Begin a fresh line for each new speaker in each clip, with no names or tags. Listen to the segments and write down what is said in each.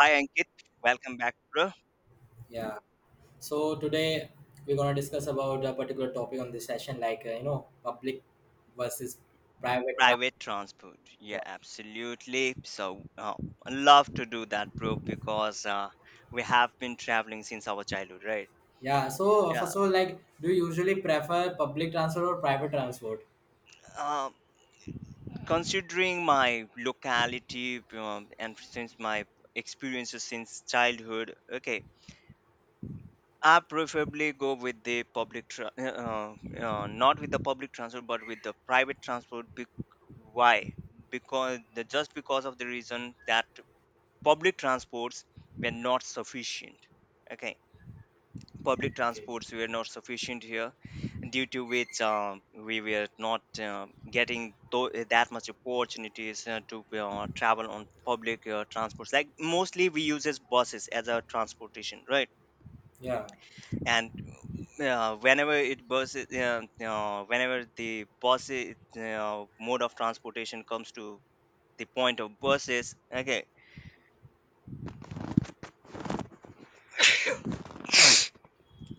Hi Ankit, welcome back to
Yeah. So today we're gonna discuss about a particular topic on this session, like you know, public versus private transport.
Private Transport. Yeah,
Yeah.
absolutely. So I love to do that, bro, because we have been traveling since our childhood, right?
Yeah. So
Yeah.
first of all, like, do you usually prefer public transport or private transport?
Um, considering my locality and since my experiences since childhood, okay, I preferably go with not with the public transport, but with the private transport. Why? Because just because of the reason that public transports were not sufficient, okay, public
Okay.
transports were not sufficient here, due to which, we were not, getting that much opportunities to travel on public transports, like mostly we uses buses as our transportation, right?
Yeah.
And whenever the bus mode of transportation comes to the point of buses, okay,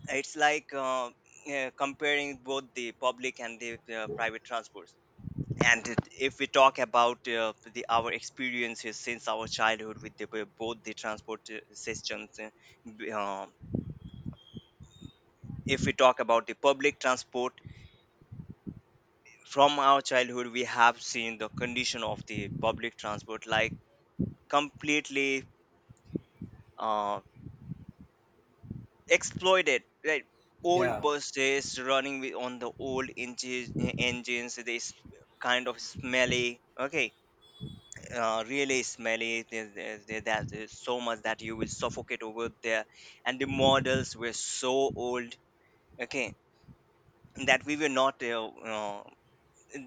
it's like comparing both the public and the private transports. And if we talk about the our experiences since our childhood with with both the transport systems, b- uh, if we talk about the public transport, from our childhood we have seen the condition of the public transport, like completely, uh, exploited, right? Old
Yeah.
buses running with on the old engines. Engines kind of smelly, okay, really smelly. There's so much that you will suffocate over there. And the models were so old, okay, that we were not, uh, uh,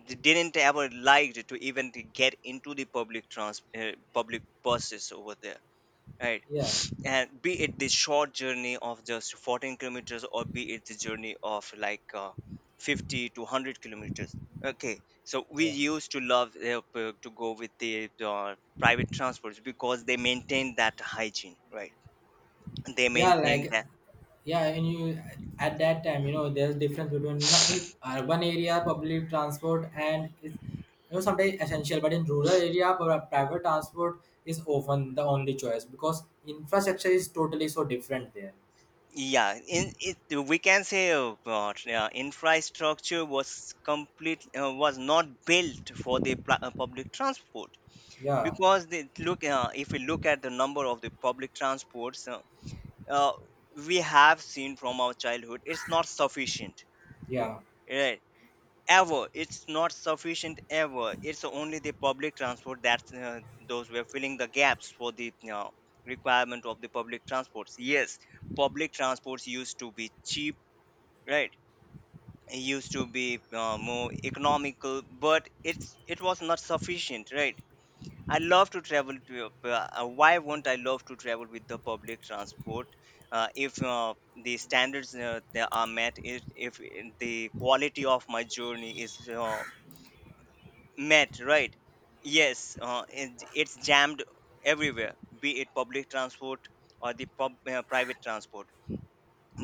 d- didn't ever liked to even to get into the public buses over there, right?
Yeah.
And be it the short journey of just 14 kilometers, or be it the journey of like, 50 to 100 kilometers, okay. So we
Yeah.
used to love, to go with the private transports because they maintain that hygiene, right? They
Yeah,
maintain
like
that.
yeah, and you at that time, you know, there's difference between not in urban area public transport and is you know sometimes essential, but in rural area private transport is often the only choice because infrastructure is totally so different there.
Yeah, in it we can say, infrastructure was complete was not built for the public transport.
Yeah,
Because they look, if we look at the number of the public transports, uh, we have seen from our childhood, it's not sufficient,
yeah,
right? Ever, it's not sufficient, ever. It's only the public transport that, those were filling the gaps for the, requirement of the public transports. Yes, public transports used to be cheap, right? It used to be, more economical, but it was not sufficient, right? I love to travel to. Why won't I love to travel with the public transport? If, the standards that are met, if the quality of my journey is, met, right? Yes, it's jammed everywhere, be it public transport or the private transport.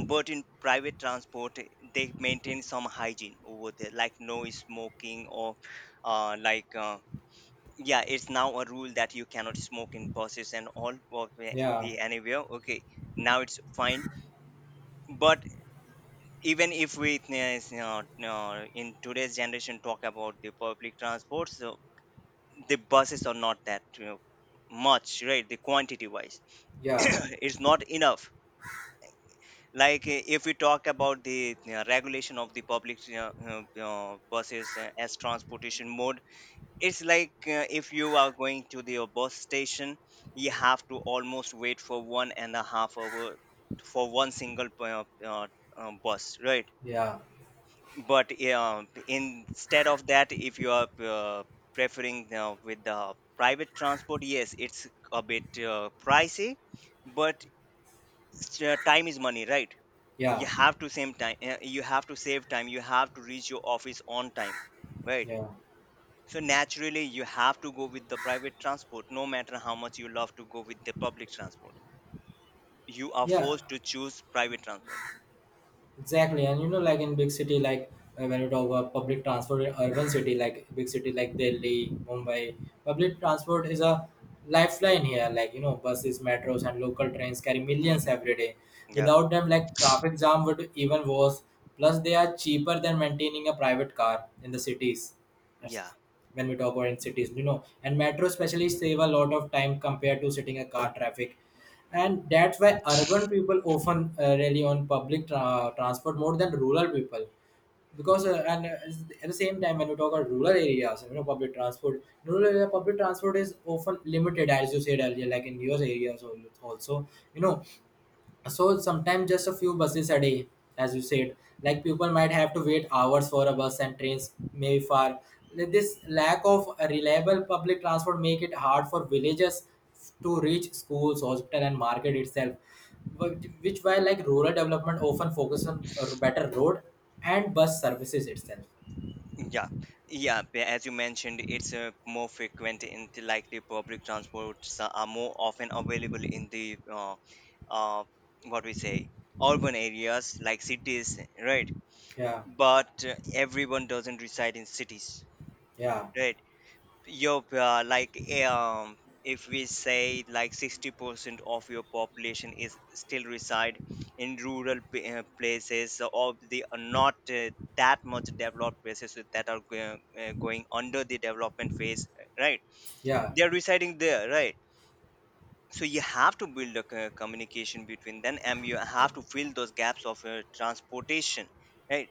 But in private transport, they maintain some hygiene over there, like no smoking or uh, like. Uh, yeah, it's now a rule that you cannot smoke in buses and all, or
yeah,
be anywhere, okay. Now it's fine. But even if we, in today's generation talk about the public transport, so the buses are not that, you know, much, right, the quantity wise.
yeah,
It's not enough. Like, if we talk about the regulation of the public buses as transportation mode, it's like, if you are going to the bus station, you have to almost wait for 1.5 hours for one single, bus, right?
yeah,
But, instead of that, if you are, preferring, with the private transport, yes, it's a bit, pricey. But, time is money, right? You
yeah,
have to save time, you have to save time, you have to reach your office on time, right?
yeah,
So naturally, you have to go with the private transport, no matter how much you love to go with the public transport. You are
yeah.
forced to choose private transport.
Exactly, and you know, like in big city, like when you talk about public transport in urban city, like big city like Delhi, Mumbai, public transport is a lifeline here. Like you know, buses, metros, and local trains carry millions
Mhm.
every day.
Yeah,
Without them, like traffic jam would even worse. Plus, they are cheaper than maintaining a private car in the cities. That's-
yeah,
When we talk about in cities, you know, and metro especially save a lot of time compared to sitting a car traffic and that's why urban people often rely on transport more than rural people because and at the same time when you talk about rural areas you know public transport rural area public transport is often limited as you said earlier like in your areas also you know so sometimes just a few buses a day as you said like people might have to wait hours for a bus and trains may be far. Like, this lack of reliable public transport make it hard for villagers to reach schools hospital and market itself. Which why like rural development often focus on a better road and bus services itself.
yeah, as you mentioned, it's more frequent in like the public transports are more often available in the, uh, what we say urban areas like cities, right?
Yeah
But everyone doesn't reside in cities,
yeah
right? Your if we say like 60% of your population is still reside in rural places, or they are not, that much developed places that are going under the development phase, right?
yeah
They are residing there, right? So you have to build a communication between them, and you have to fill those gaps of, transportation, right?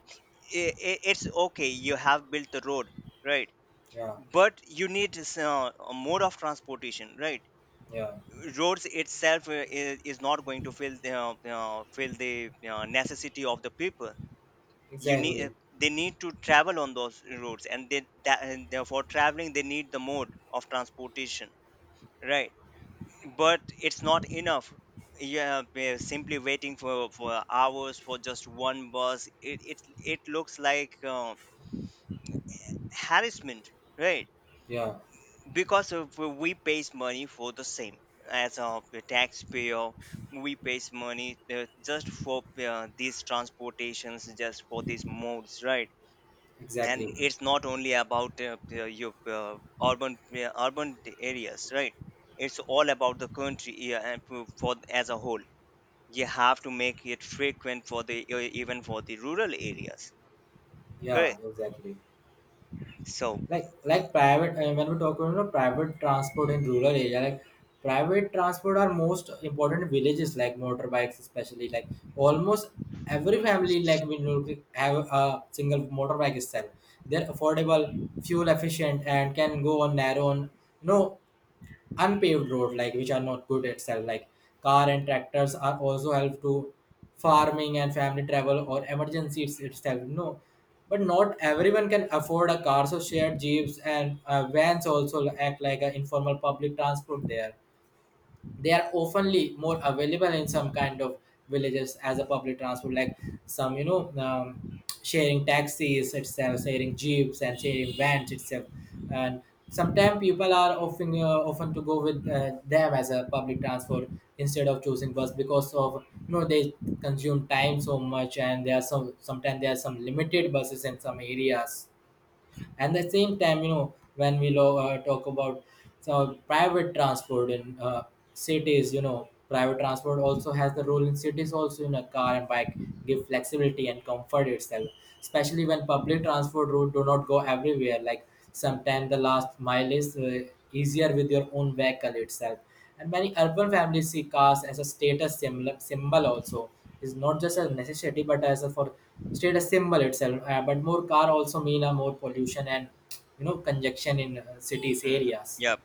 I I it's okay, you have built the road, right?
yeah
But you need, a mode of transportation, right?
yeah
Roads itself, is not going to fill the, fill the, necessity of the people. You need,
exactly
they need to travel on those roads, and they that and for traveling they need the mode of transportation, right? But it's not enough. Yeah, we're simply waiting for hours for just one bus. It looks like, harassment, right?
yeah
Because of we pays money for the same, as a taxpayer, we pays money, just for, these transportations, just for these modes, right? And
exactly
it's not only about, your urban urban areas, right? It's all about the country. Yeah, and as a whole you have to make it frequent for the, even for the rural areas,
yeah
correct?
exactly
So
like private when we talk about you know, private transport in rural area like private transport are most important in villages like motorbikes especially like almost every family like we know have a single motorbike itself. They're affordable fuel efficient and can go on their own you know unpaved road like which are not good itself like car and tractors are also help to farming and family travel or emergencies itself no but not everyone can afford a car so shared jeeps and vans also act like an informal public transport there. They are oftenly more available in some kind of villages as a public transport like some you know sharing taxis itself sharing jeeps and sharing vans itself and sometimes people are often often to go with them as a public transport instead of choosing bus because of you know they consume time so much and there are some sometimes there are some limited buses in some areas and the same time you know when we talk about so private transport in cities you know private transport also has the role in cities also in a car and bike give flexibility and comfort itself especially when public transport route do not go everywhere like sometimes the last mile is easier with your own vehicle itself and many urban families see cars as a status symbol also. It's not just a necessity, but as a for status symbol itself. But more car also mean a more pollution and you know congestion in cities
mm,
areas.
yeah.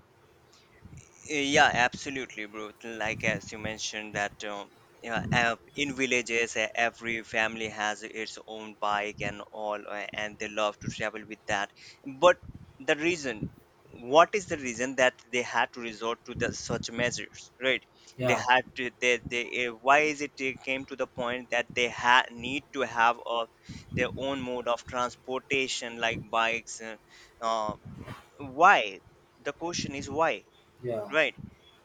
Yeah, absolutely, bro. Like as you mentioned that, yeah, in villages, every family has its own bike and all, and they love to travel with that. But the reason, what is the reason that they had to resort to the such measures, right? They
Yeah,
had to. They Why is it they came to the point that they had need to have a, their own mode of transportation like bikes? Uh, why? The question is why?
yeah,
Right.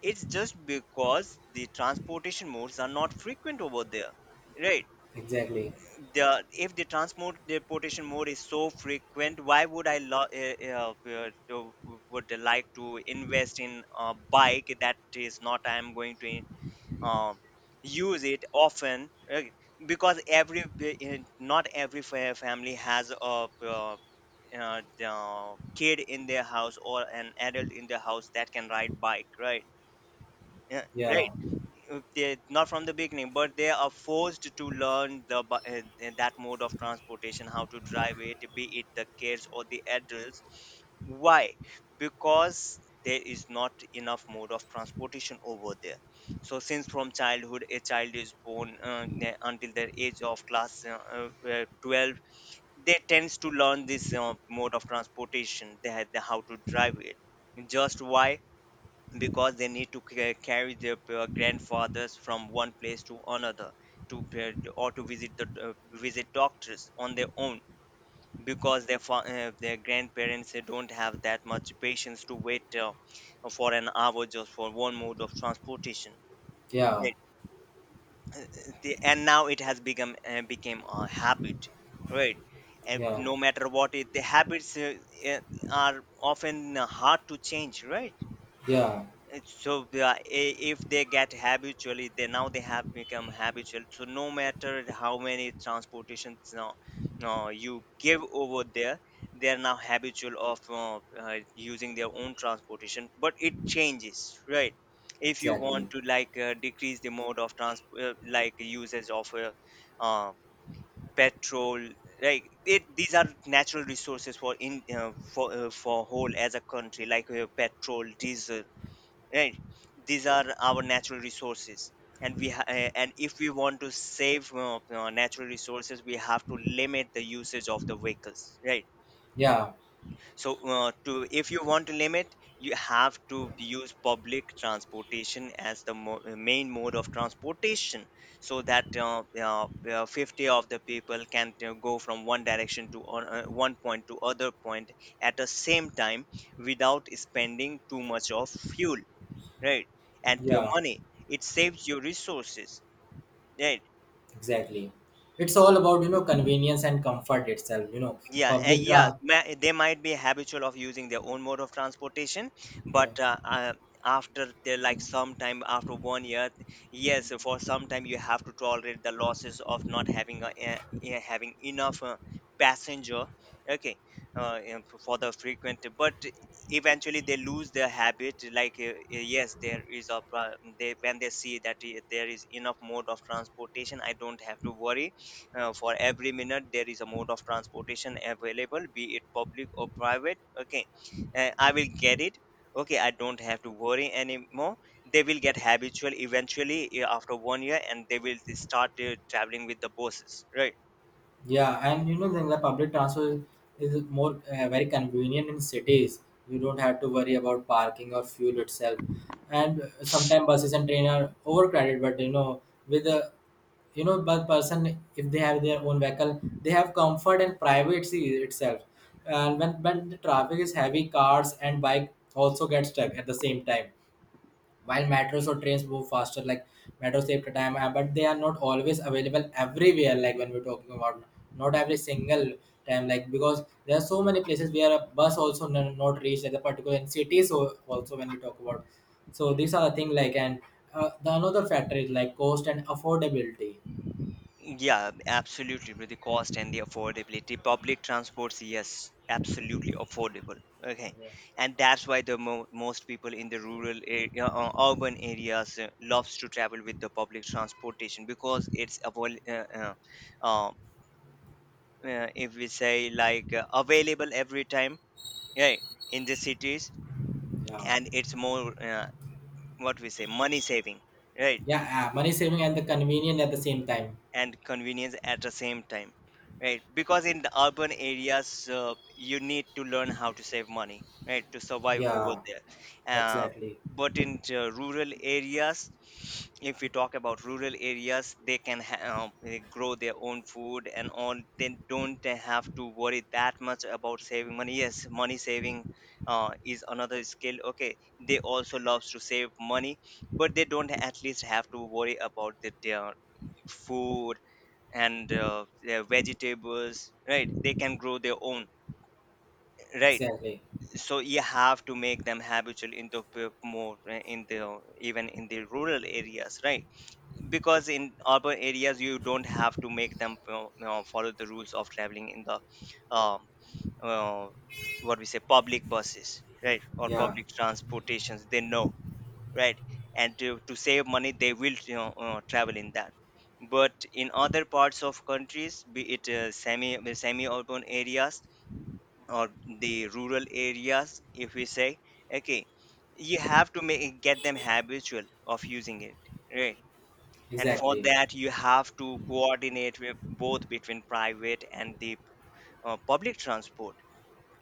It's just because the transportation modes are not frequent over there. Right.
exactly.
The if the transport transportation mode is so frequent, why would I would like to invest in a bike that is not I am going to, um, use it often? Right? Because not every family has a, uh, the kid in their house, or an adult in their house that can ride bike, right? Yeah,
Yeah,
right. They not from the beginning, but they are forced to learn that mode of transportation, how to drive it, be it the kids or the adults. Why? Because there is not enough mode of transportation over there. So since from childhood a child is born, until their age of class, 12, they tends to learn this, mode of transportation, they had the, how to drive it. Just why? Because they need to carry their, grandfathers from one place to another, to, or to visit the, visit doctors on their own, because their their grandparents, don't have that much patience to wait, for an hour just for one mode of transportation,
yeah,
right? Uh, uh, and now it has become became a habit, right? And
yeah,
no matter what it the habits, uh, are often, hard to change, right?
yeah,
It's so, if they get habitually, they have become habitual. So no matter how many transportations now you give over there, they are now habitual of, using their own transportation. But it changes, right? If you
exactly.
want to like, decrease the mode of transport, like usage of, uh, petrol, like it, these are natural resources for in for for whole as a country, like, petrol, diesel, right? These are our natural resources, and and if we want to save, natural resources, we have to limit the usage of the vehicles, right?
Yeah,
So, to if you want to limit, you have to use public transportation as the main mode of transportation, so that, 50 of the people can, go from one direction to, one point to other point at the same time, without spending too much of fuel, right? And your
yeah,
money, it saves your resources, right?
exactly. It's all about you know convenience and comfort itself. You know,
Yeah,
public tra.
yeah, they might be habitual of using their own mode of transportation,
Yeah.
but, after they like some time after one year, yes, for some time you have to tolerate the losses of not having a, having enough, passenger, okay, for the frequent. But eventually they lose their habit. Like yes, there is a pro- they, when they see that there is enough mode of transportation, I don't have to worry, for every minute there is a mode of transportation available, be it public or private. Okay I will get it. Okay, I don't have to worry anymore. They will get habitual eventually, after 1 year, and they will start traveling with the buses, right?
Yeah, and you know, then the public transport is more very convenient in cities. You don't have to worry about parking or fuel itself. And sometimes buses and train are overcrowded, but you know, with the you know, but person if they have their own vehicle, they have comfort and privacy itself. And when the traffic is heavy, cars and bike also get stuck at the same time while metros or trains move faster like metro save the time but they are not always available everywhere like when we're talking about not every single time like because there are so many places where a bus also not reach at the particular in cities so also when we talk about so these are the thing like and the another factor is like cost and affordability.
Yeah, absolutely. With the cost and the affordability, public transports, yes, absolutely affordable. Okay,
Yeah.
and that's why most people in the rural area, urban areas, loves to travel with the public transportation because uh, if we say, available every time, right, in the cities,
Yeah
and it's more, what we say, money saving, right,
yeah money saving and the convenient at the same time
and convenience at the same time, right? Because in the urban areas, you need to learn how to save money, right, to survive over
yeah
there. uh,
exactly
but in the rural areas, if we talk about rural areas, they grow their own food and all. They don't have to worry that much about saving money. Yes, money saving is another skill. Okay, they also loves to save money, but they don't at least have to worry about their food and their vegetables, right? They can grow their own, right?
exactly
So you have to make them habitual in more, in the even in the rural areas, right? Because in urban areas you don't have to make them, follow the rules of traveling in the um, uh, what we say, public buses, right, or
yeah
public transportations. They know, right? And to save money they will, travel in that. But in other parts of countries, be it semi, semi urban areas, or the rural areas, if we say. Okay, you have to make, get them habitual of using it, right? And for
exactly.
that you have to coordinate with both, between private and the public transport.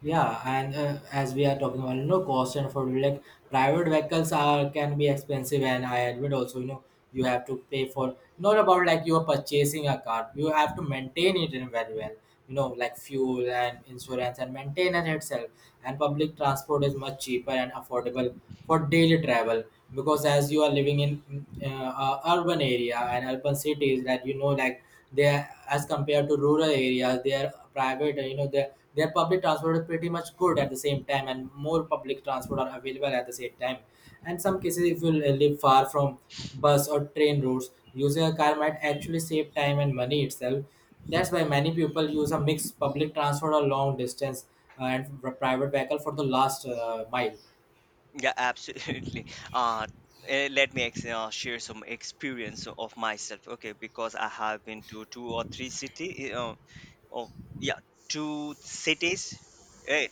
Yeah, and as we are talking about, you know, cost and for like private vehicles are can be expensive, and I admit also, you know, you have to pay for not about like you are purchasing a car, you have to maintain it in very well, you know, like fuel and insurance and maintenance itself. And public transport is much cheaper and affordable for daily travel because as you are living in a urban area and urban cities, that you know, like they are as compared to rural areas, they are private, you know, their public transport is pretty much good at the same time, and more public transport are available at the same time. And some cases, if you live far from bus or train routes, using a car might actually save time and money itself. That's why many people use a mixed public transport or long distance private vehicle for the last mile.
Yeah, absolutely. Uh, Let me share some experience of myself. Okay, because I have been to two or three city. Oh, yeah, Two cities. Right.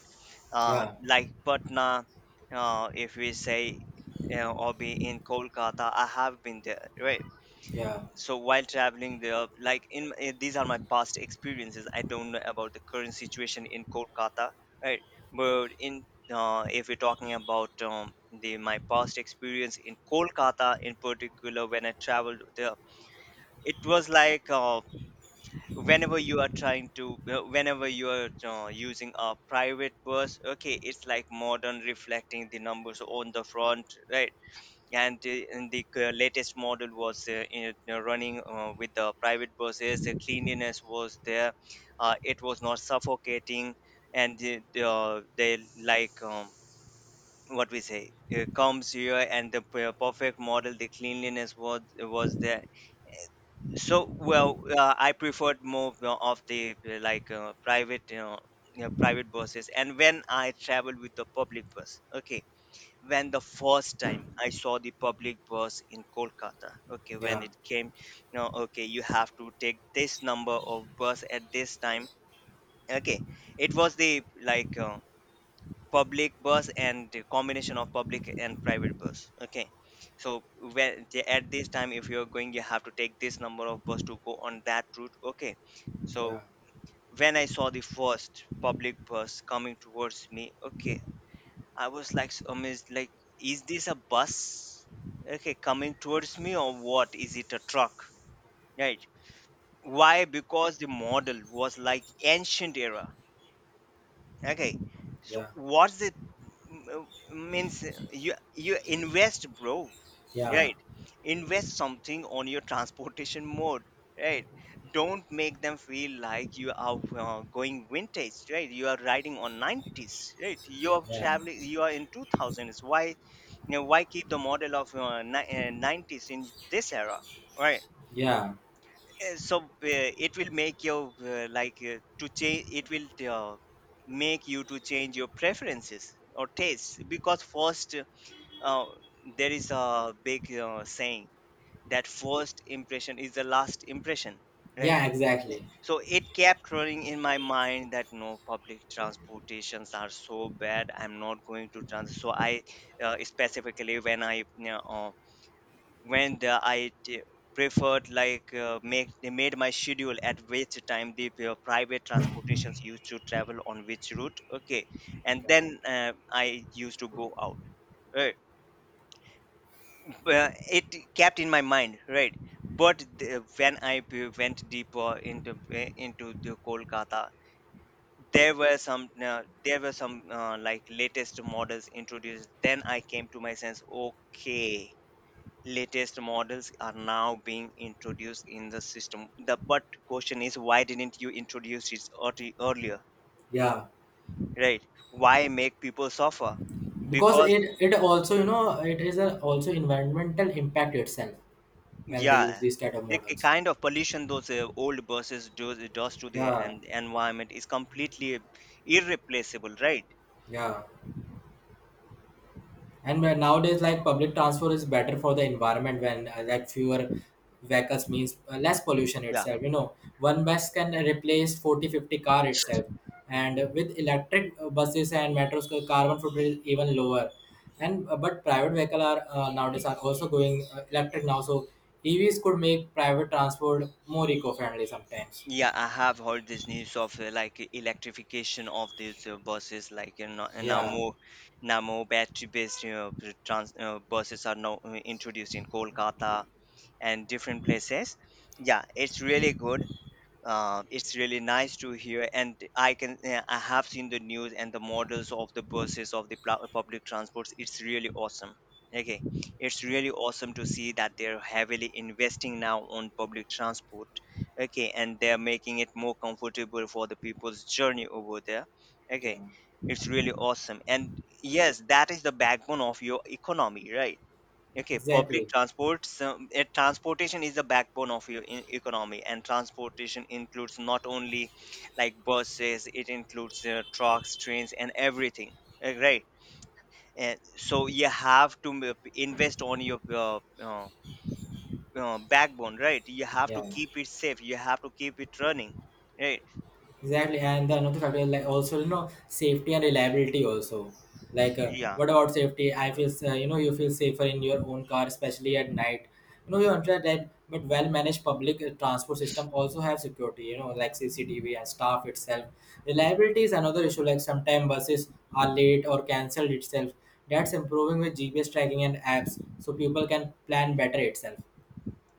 Yeah,
Like Patna. If we say, you know, or be in Kolkata, I have been there. Right,
yeah,
so while traveling there, like, in, these are my past experiences. I don't know about the current situation in Kolkata, right? But in if we're talking about, the my past experience in Kolkata in particular, when I traveled there, it was whenever you are trying to, whenever you are using a private bus, okay, it's like modern, reflecting the numbers on the front, right? And latest model was, running with the private buses. The cleanliness was there, it was not suffocating, and they, like um, what we say, comes here, and the perfect model, the cleanliness was there. So well, I preferred more, of the like private, private buses. And when I travel with the public bus, okay, when the first time I saw the public bus in Kolkata, okay, when
yeah,
it came, you know, okay, you have to take this number of bus at this time. Okay, it was the public bus, and the combination of public and private bus. Okay, so at this time, if you're going, you have to take this number of bus to go on that route. Okay,
yeah,
so when I saw the first public bus coming towards me, okay, I was like so amazed, like, is this a bus? Okay, coming towards me, or what? Is it a truck? Right. Why? Because the model was like ancient era. Okay, so
yeah,
what's the means, you, you invest, bro,
yeah,
right? Invest something on your transportation mode, right? Don't make them feel like you are going vintage, right? You are riding on 90s, right? You are
yeah,
traveling, you are in 2000s. Why, you know, why keep the model of 90s in this era, right?
yeah,
It will make your, to change, it will make you to change your preferences or tastes. Because first, uh, there is a big saying that first impression is the last impression, right?
yeah,
Yeah.
exactly.
So it kept running in my mind that no, public transportations are so bad. I'm not going to trans. So I, specifically when I, you know, when the, I t- preferred, make, they made my schedule at which time private transportations used to travel on which route, okay, and
Yeah.
then I used to go out, right. Well, it kept in my mind, right? But when I went deeper into the Kolkata, there were some, there were some, latest models introduced. Then I came to my sense. Okay, latest models are now being introduced in the system. The, but question is, why didn't you introduce it earlier,
Yeah.
right? Why make people suffer?
Because
Because
it also you know it is a also environmental impact itself when they
yeah,
use these kind of
the
models
kind of pollution those old buses do, does to the
yeah
environment is completely irreplaceable, right?
yeah. And where nowadays, like public transport is better for the environment when like fewer vehicles means less pollution
Yeah.
itself. You know, one bus can replace 40 50 car itself. And with electric buses and metros, the carbon footprint is even lower. And but private vehicle are nowadays are also going electric now. So EVs could make private transport more eco-friendly sometimes.
Yeah, I have heard this news of, electrification of these buses, like, you know, and now
Yeah,
more, now more battery-based, you know, b- trans buses are now introduced in Kolkata and different places. Yeah, it's really good. It's really nice to hear, and I can, I have seen the news and the models of the buses of the public transports. It's really awesome. Okay, it's
yeah,
really awesome to see that they're heavily investing now on public transport. Okay, and they're making it more comfortable for the people's journey over there.
yeah.
Okay, it's really awesome, and yes, that is the backbone of your economy, right? Okay,
Exactly.
public transport. So, transportation is the backbone of your economy, and transportation includes not only like buses, it includes trucks, trains, and everything. Right. And so you have to invest on your backbone, right? You have to
Yeah.
keep it safe. You have to keep it running, right?
Exactly, and the another factor is like also you know safety and reliability also. Like
Yeah.
what about safety? I feel you know you feel safer in your own car, especially at night. You know you understand that, but well managed public transport system also have security. You know like CCTV and staff itself. Reliability is another issue. Like sometimes buses are late or cancelled itself. That's improving with GPS tracking and apps, so people can plan better itself.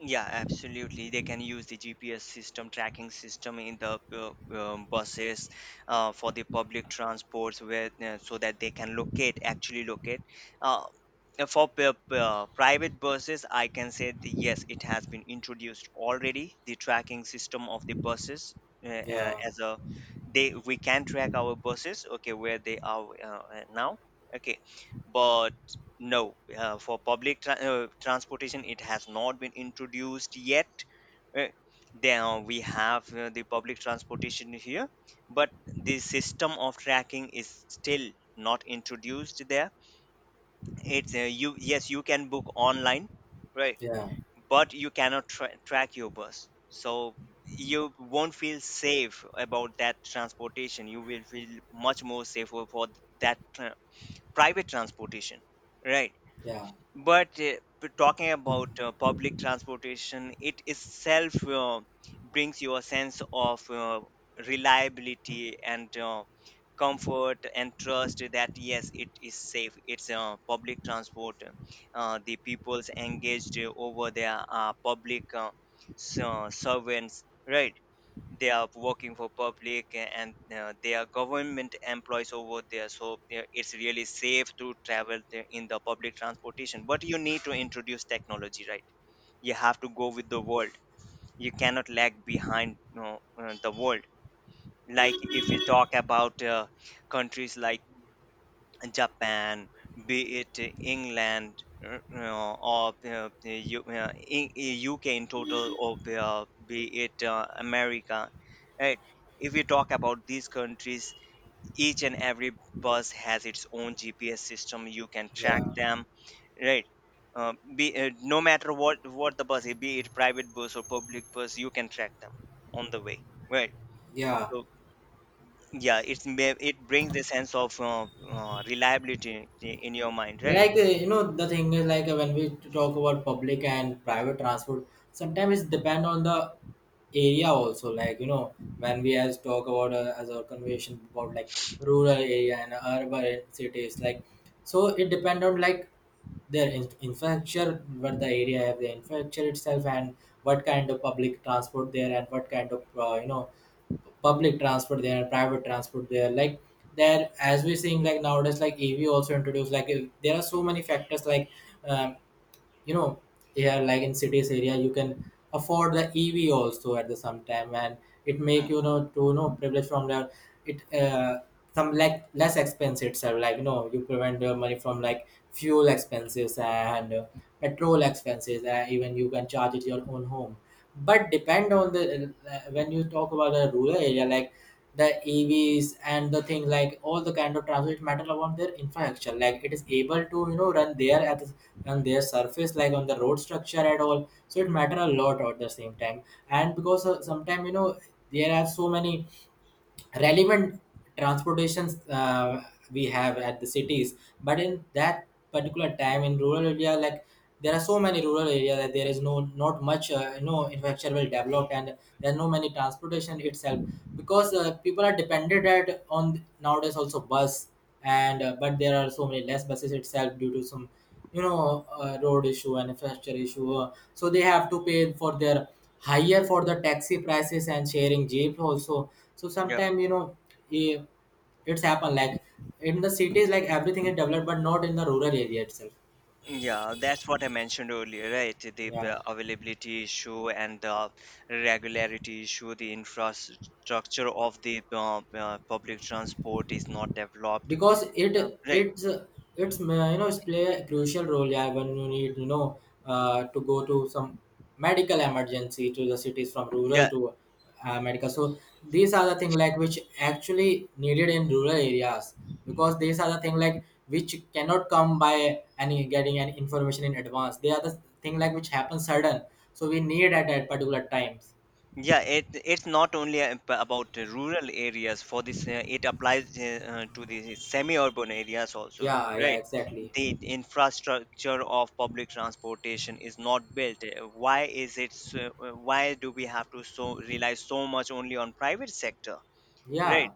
Yeah, absolutely. They can use the GPS system, tracking system in the buses, for the public transports, where, so that they can locate, actually locate. Uh, private buses, I can say yes, it has been introduced already. The tracking system of the buses,
Yeah,
as a they, we can track our buses, okay, where they are now, okay. No, for public transportation, it has not been introduced yet. Uh, There we have the public transportation here, but the system of tracking is still not introduced there. It's, you, yes, you can book online, right?
yeah,
But you cannot track your bus, so you won't feel safe about that transportation. You will feel much more safer for that tra- private transportation, right?
yeah,
But talking about public transportation, it itself brings you a sense of reliability and comfort and trust that yes, it is safe. It's public transport. The people's engaged over there are public, servants, right? They are working for public, and they are government employees over there, so it's really safe to travel in the public transportation. But you need to introduce technology, right? You have to go with the world. You cannot lag behind, you know, the world. Like if you talk about countries like Japan, be it England, or the U- in- UK in total, or be it America, right? If we talk about these countries, each and every bus has its own GPS system. You can track
yeah,
them, right? Be No matter what the bus is, be it private bus or public bus, you can track them on the way, right?
yeah.
So, yeah, it brings a sense of reliability in your mind, right?
Like you know the thing is like when we talk about public and private transport sometimes it depend on the area also like you know when we as talk about as our conversation about like rural area and urban cities like so it depend on like their infrastructure what the area have the infrastructure itself and what kind of public transport there and what kind of you know public transport there, private transport there. Like there, as we're seeing, like nowadays, like EV also introduced. Like there are so many factors. Like um, you know yeah like in cities area you can afford the ev also at the some time and it make
Mm.
you know to you know privilege from the it some like less expense itself like you know you prevent your money from like fuel expenses and petrol expenses even you can charge it your own home but depend on the when you talk about the rural area like the evs and the thing like all the kind of transport matter about their infrastructure like it is able to you know run there at and their surface like on the road structure at all so it matter a lot at the same time and because sometimes you know there are so many relevant transportations we have at the cities but in that particular time in rural area like there are so many rural areas that there is no not much you know infrastructure well developed and there are no many transportation itself because people are dependent at on nowadays also bus and but there are so many less buses itself due to some you know road issue and infrastructure issue so they have to pay for their higher for the taxi prices and sharing jeep also so
Yep.
sometimes you know eh, it's happened like in the cities like everything is developed but not in the rural area itself
Yeah, that's what I mentioned earlier, right? The
yeah
availability issue and the regularity issue, the infrastructure of the public transport is not developed.
because
Right.
it's it's you know it's play a crucial role yeah when you need you know to go to some medical emergency to the cities from rural
Yeah.
to medical so these are the thing like which actually needed in rural areas because these are the thing like which cannot come by any getting any information in advance they are the thing like which happens sudden so we need at that particular times
Yeah, it, it's not only about the rural areas. For this, it applies to the semi-urban areas also,
yeah yeah
right?
exactly
The infrastructure of public transportation is not built. Why is it? So, why do we have to rely so much only on private sector?
yeah
Right.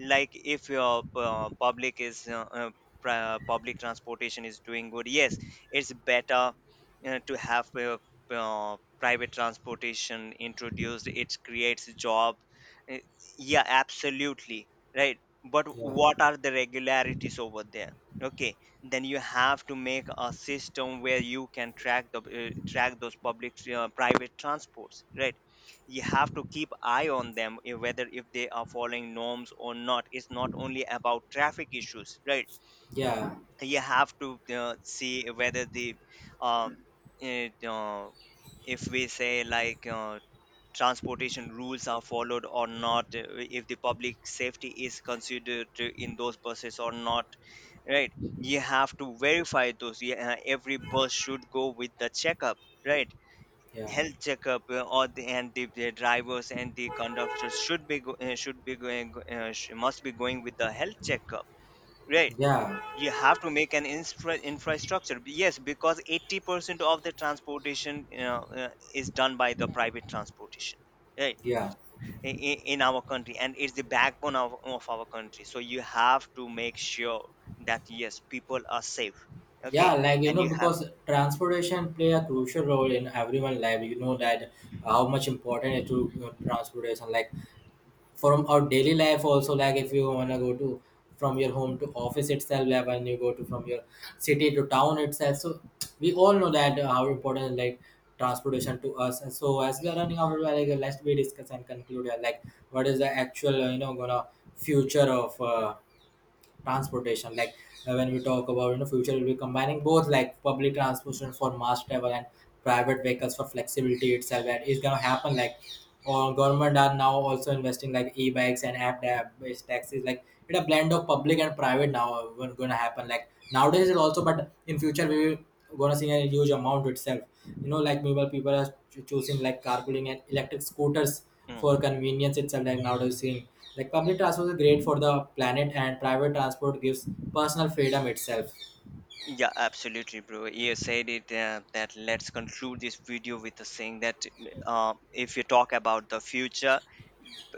Like if your public is, public transportation is doing good, yes, it's better to have, private transportation introduced. It creates job. Uh, yeah, absolutely. Right. But
yeah
what are the regularities over there? Okay, then you have to make a system where you can track the track those public, private transports, right? You have to keep eye on them, whether if they are following norms or not. It's not only about traffic issues, right?
yeah
You have to see whether the um it, uh, if we say, transportation rules are followed or not, if the public safety is considered, in those buses or not, right? You have to verify those. Yeah, every bus should go with the checkup, right?
yeah
Health checkup, or the and the, the drivers and the conductors should be go, should be going go- sh- must be going with the health checkup, right?
yeah
You have to make an infrastructure, yes, because 80% of the transportation, is done by the private transportation, right,
yeah
in our country, and it's the backbone of our country, so you have to make sure that yes, people are safe,
yeah
okay.
like you
And
know
you have.
because transportation play a crucial role in everyone life you know that how much important it to you know, transportation like from our daily life also like if you want to go to from your home to office itself like when you go to from your city to town itself so we all know that how important like transportation to us and so as we are running out of like let's we discuss and conclude like what is the actual you know gonna future of transportation like when we talk about you know future we'll be combining both like public transportation for mass travel and private vehicles for flexibility itself and it's gonna happen like or government are now also investing like e-bikes and app based taxis like it's a blend of public and private now gonna happen like nowadays it also but in future we will gonna see a huge amount itself you know like mobile people are choosing like carpooling and electric scooters for
Mm.
convenience itself like nowadays seeing like public transport is great for the planet and private transport gives personal freedom itself
Yeah, absolutely, bro. You said it, that let's conclude this video with the saying that, if you talk about the future,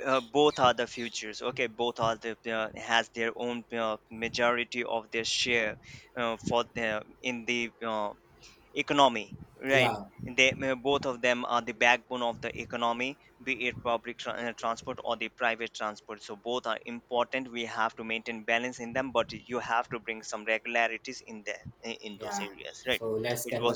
both are the futures. Okay, both are the, has their own majority of their share for the in the economy, right?
yeah
They, both of them are the backbone of the economy, be it public transport or the private transport. So both are important. We have to maintain balance in them, but you have to bring some regularities in there, in those
yeah
areas, right?
so let's
It
end the
was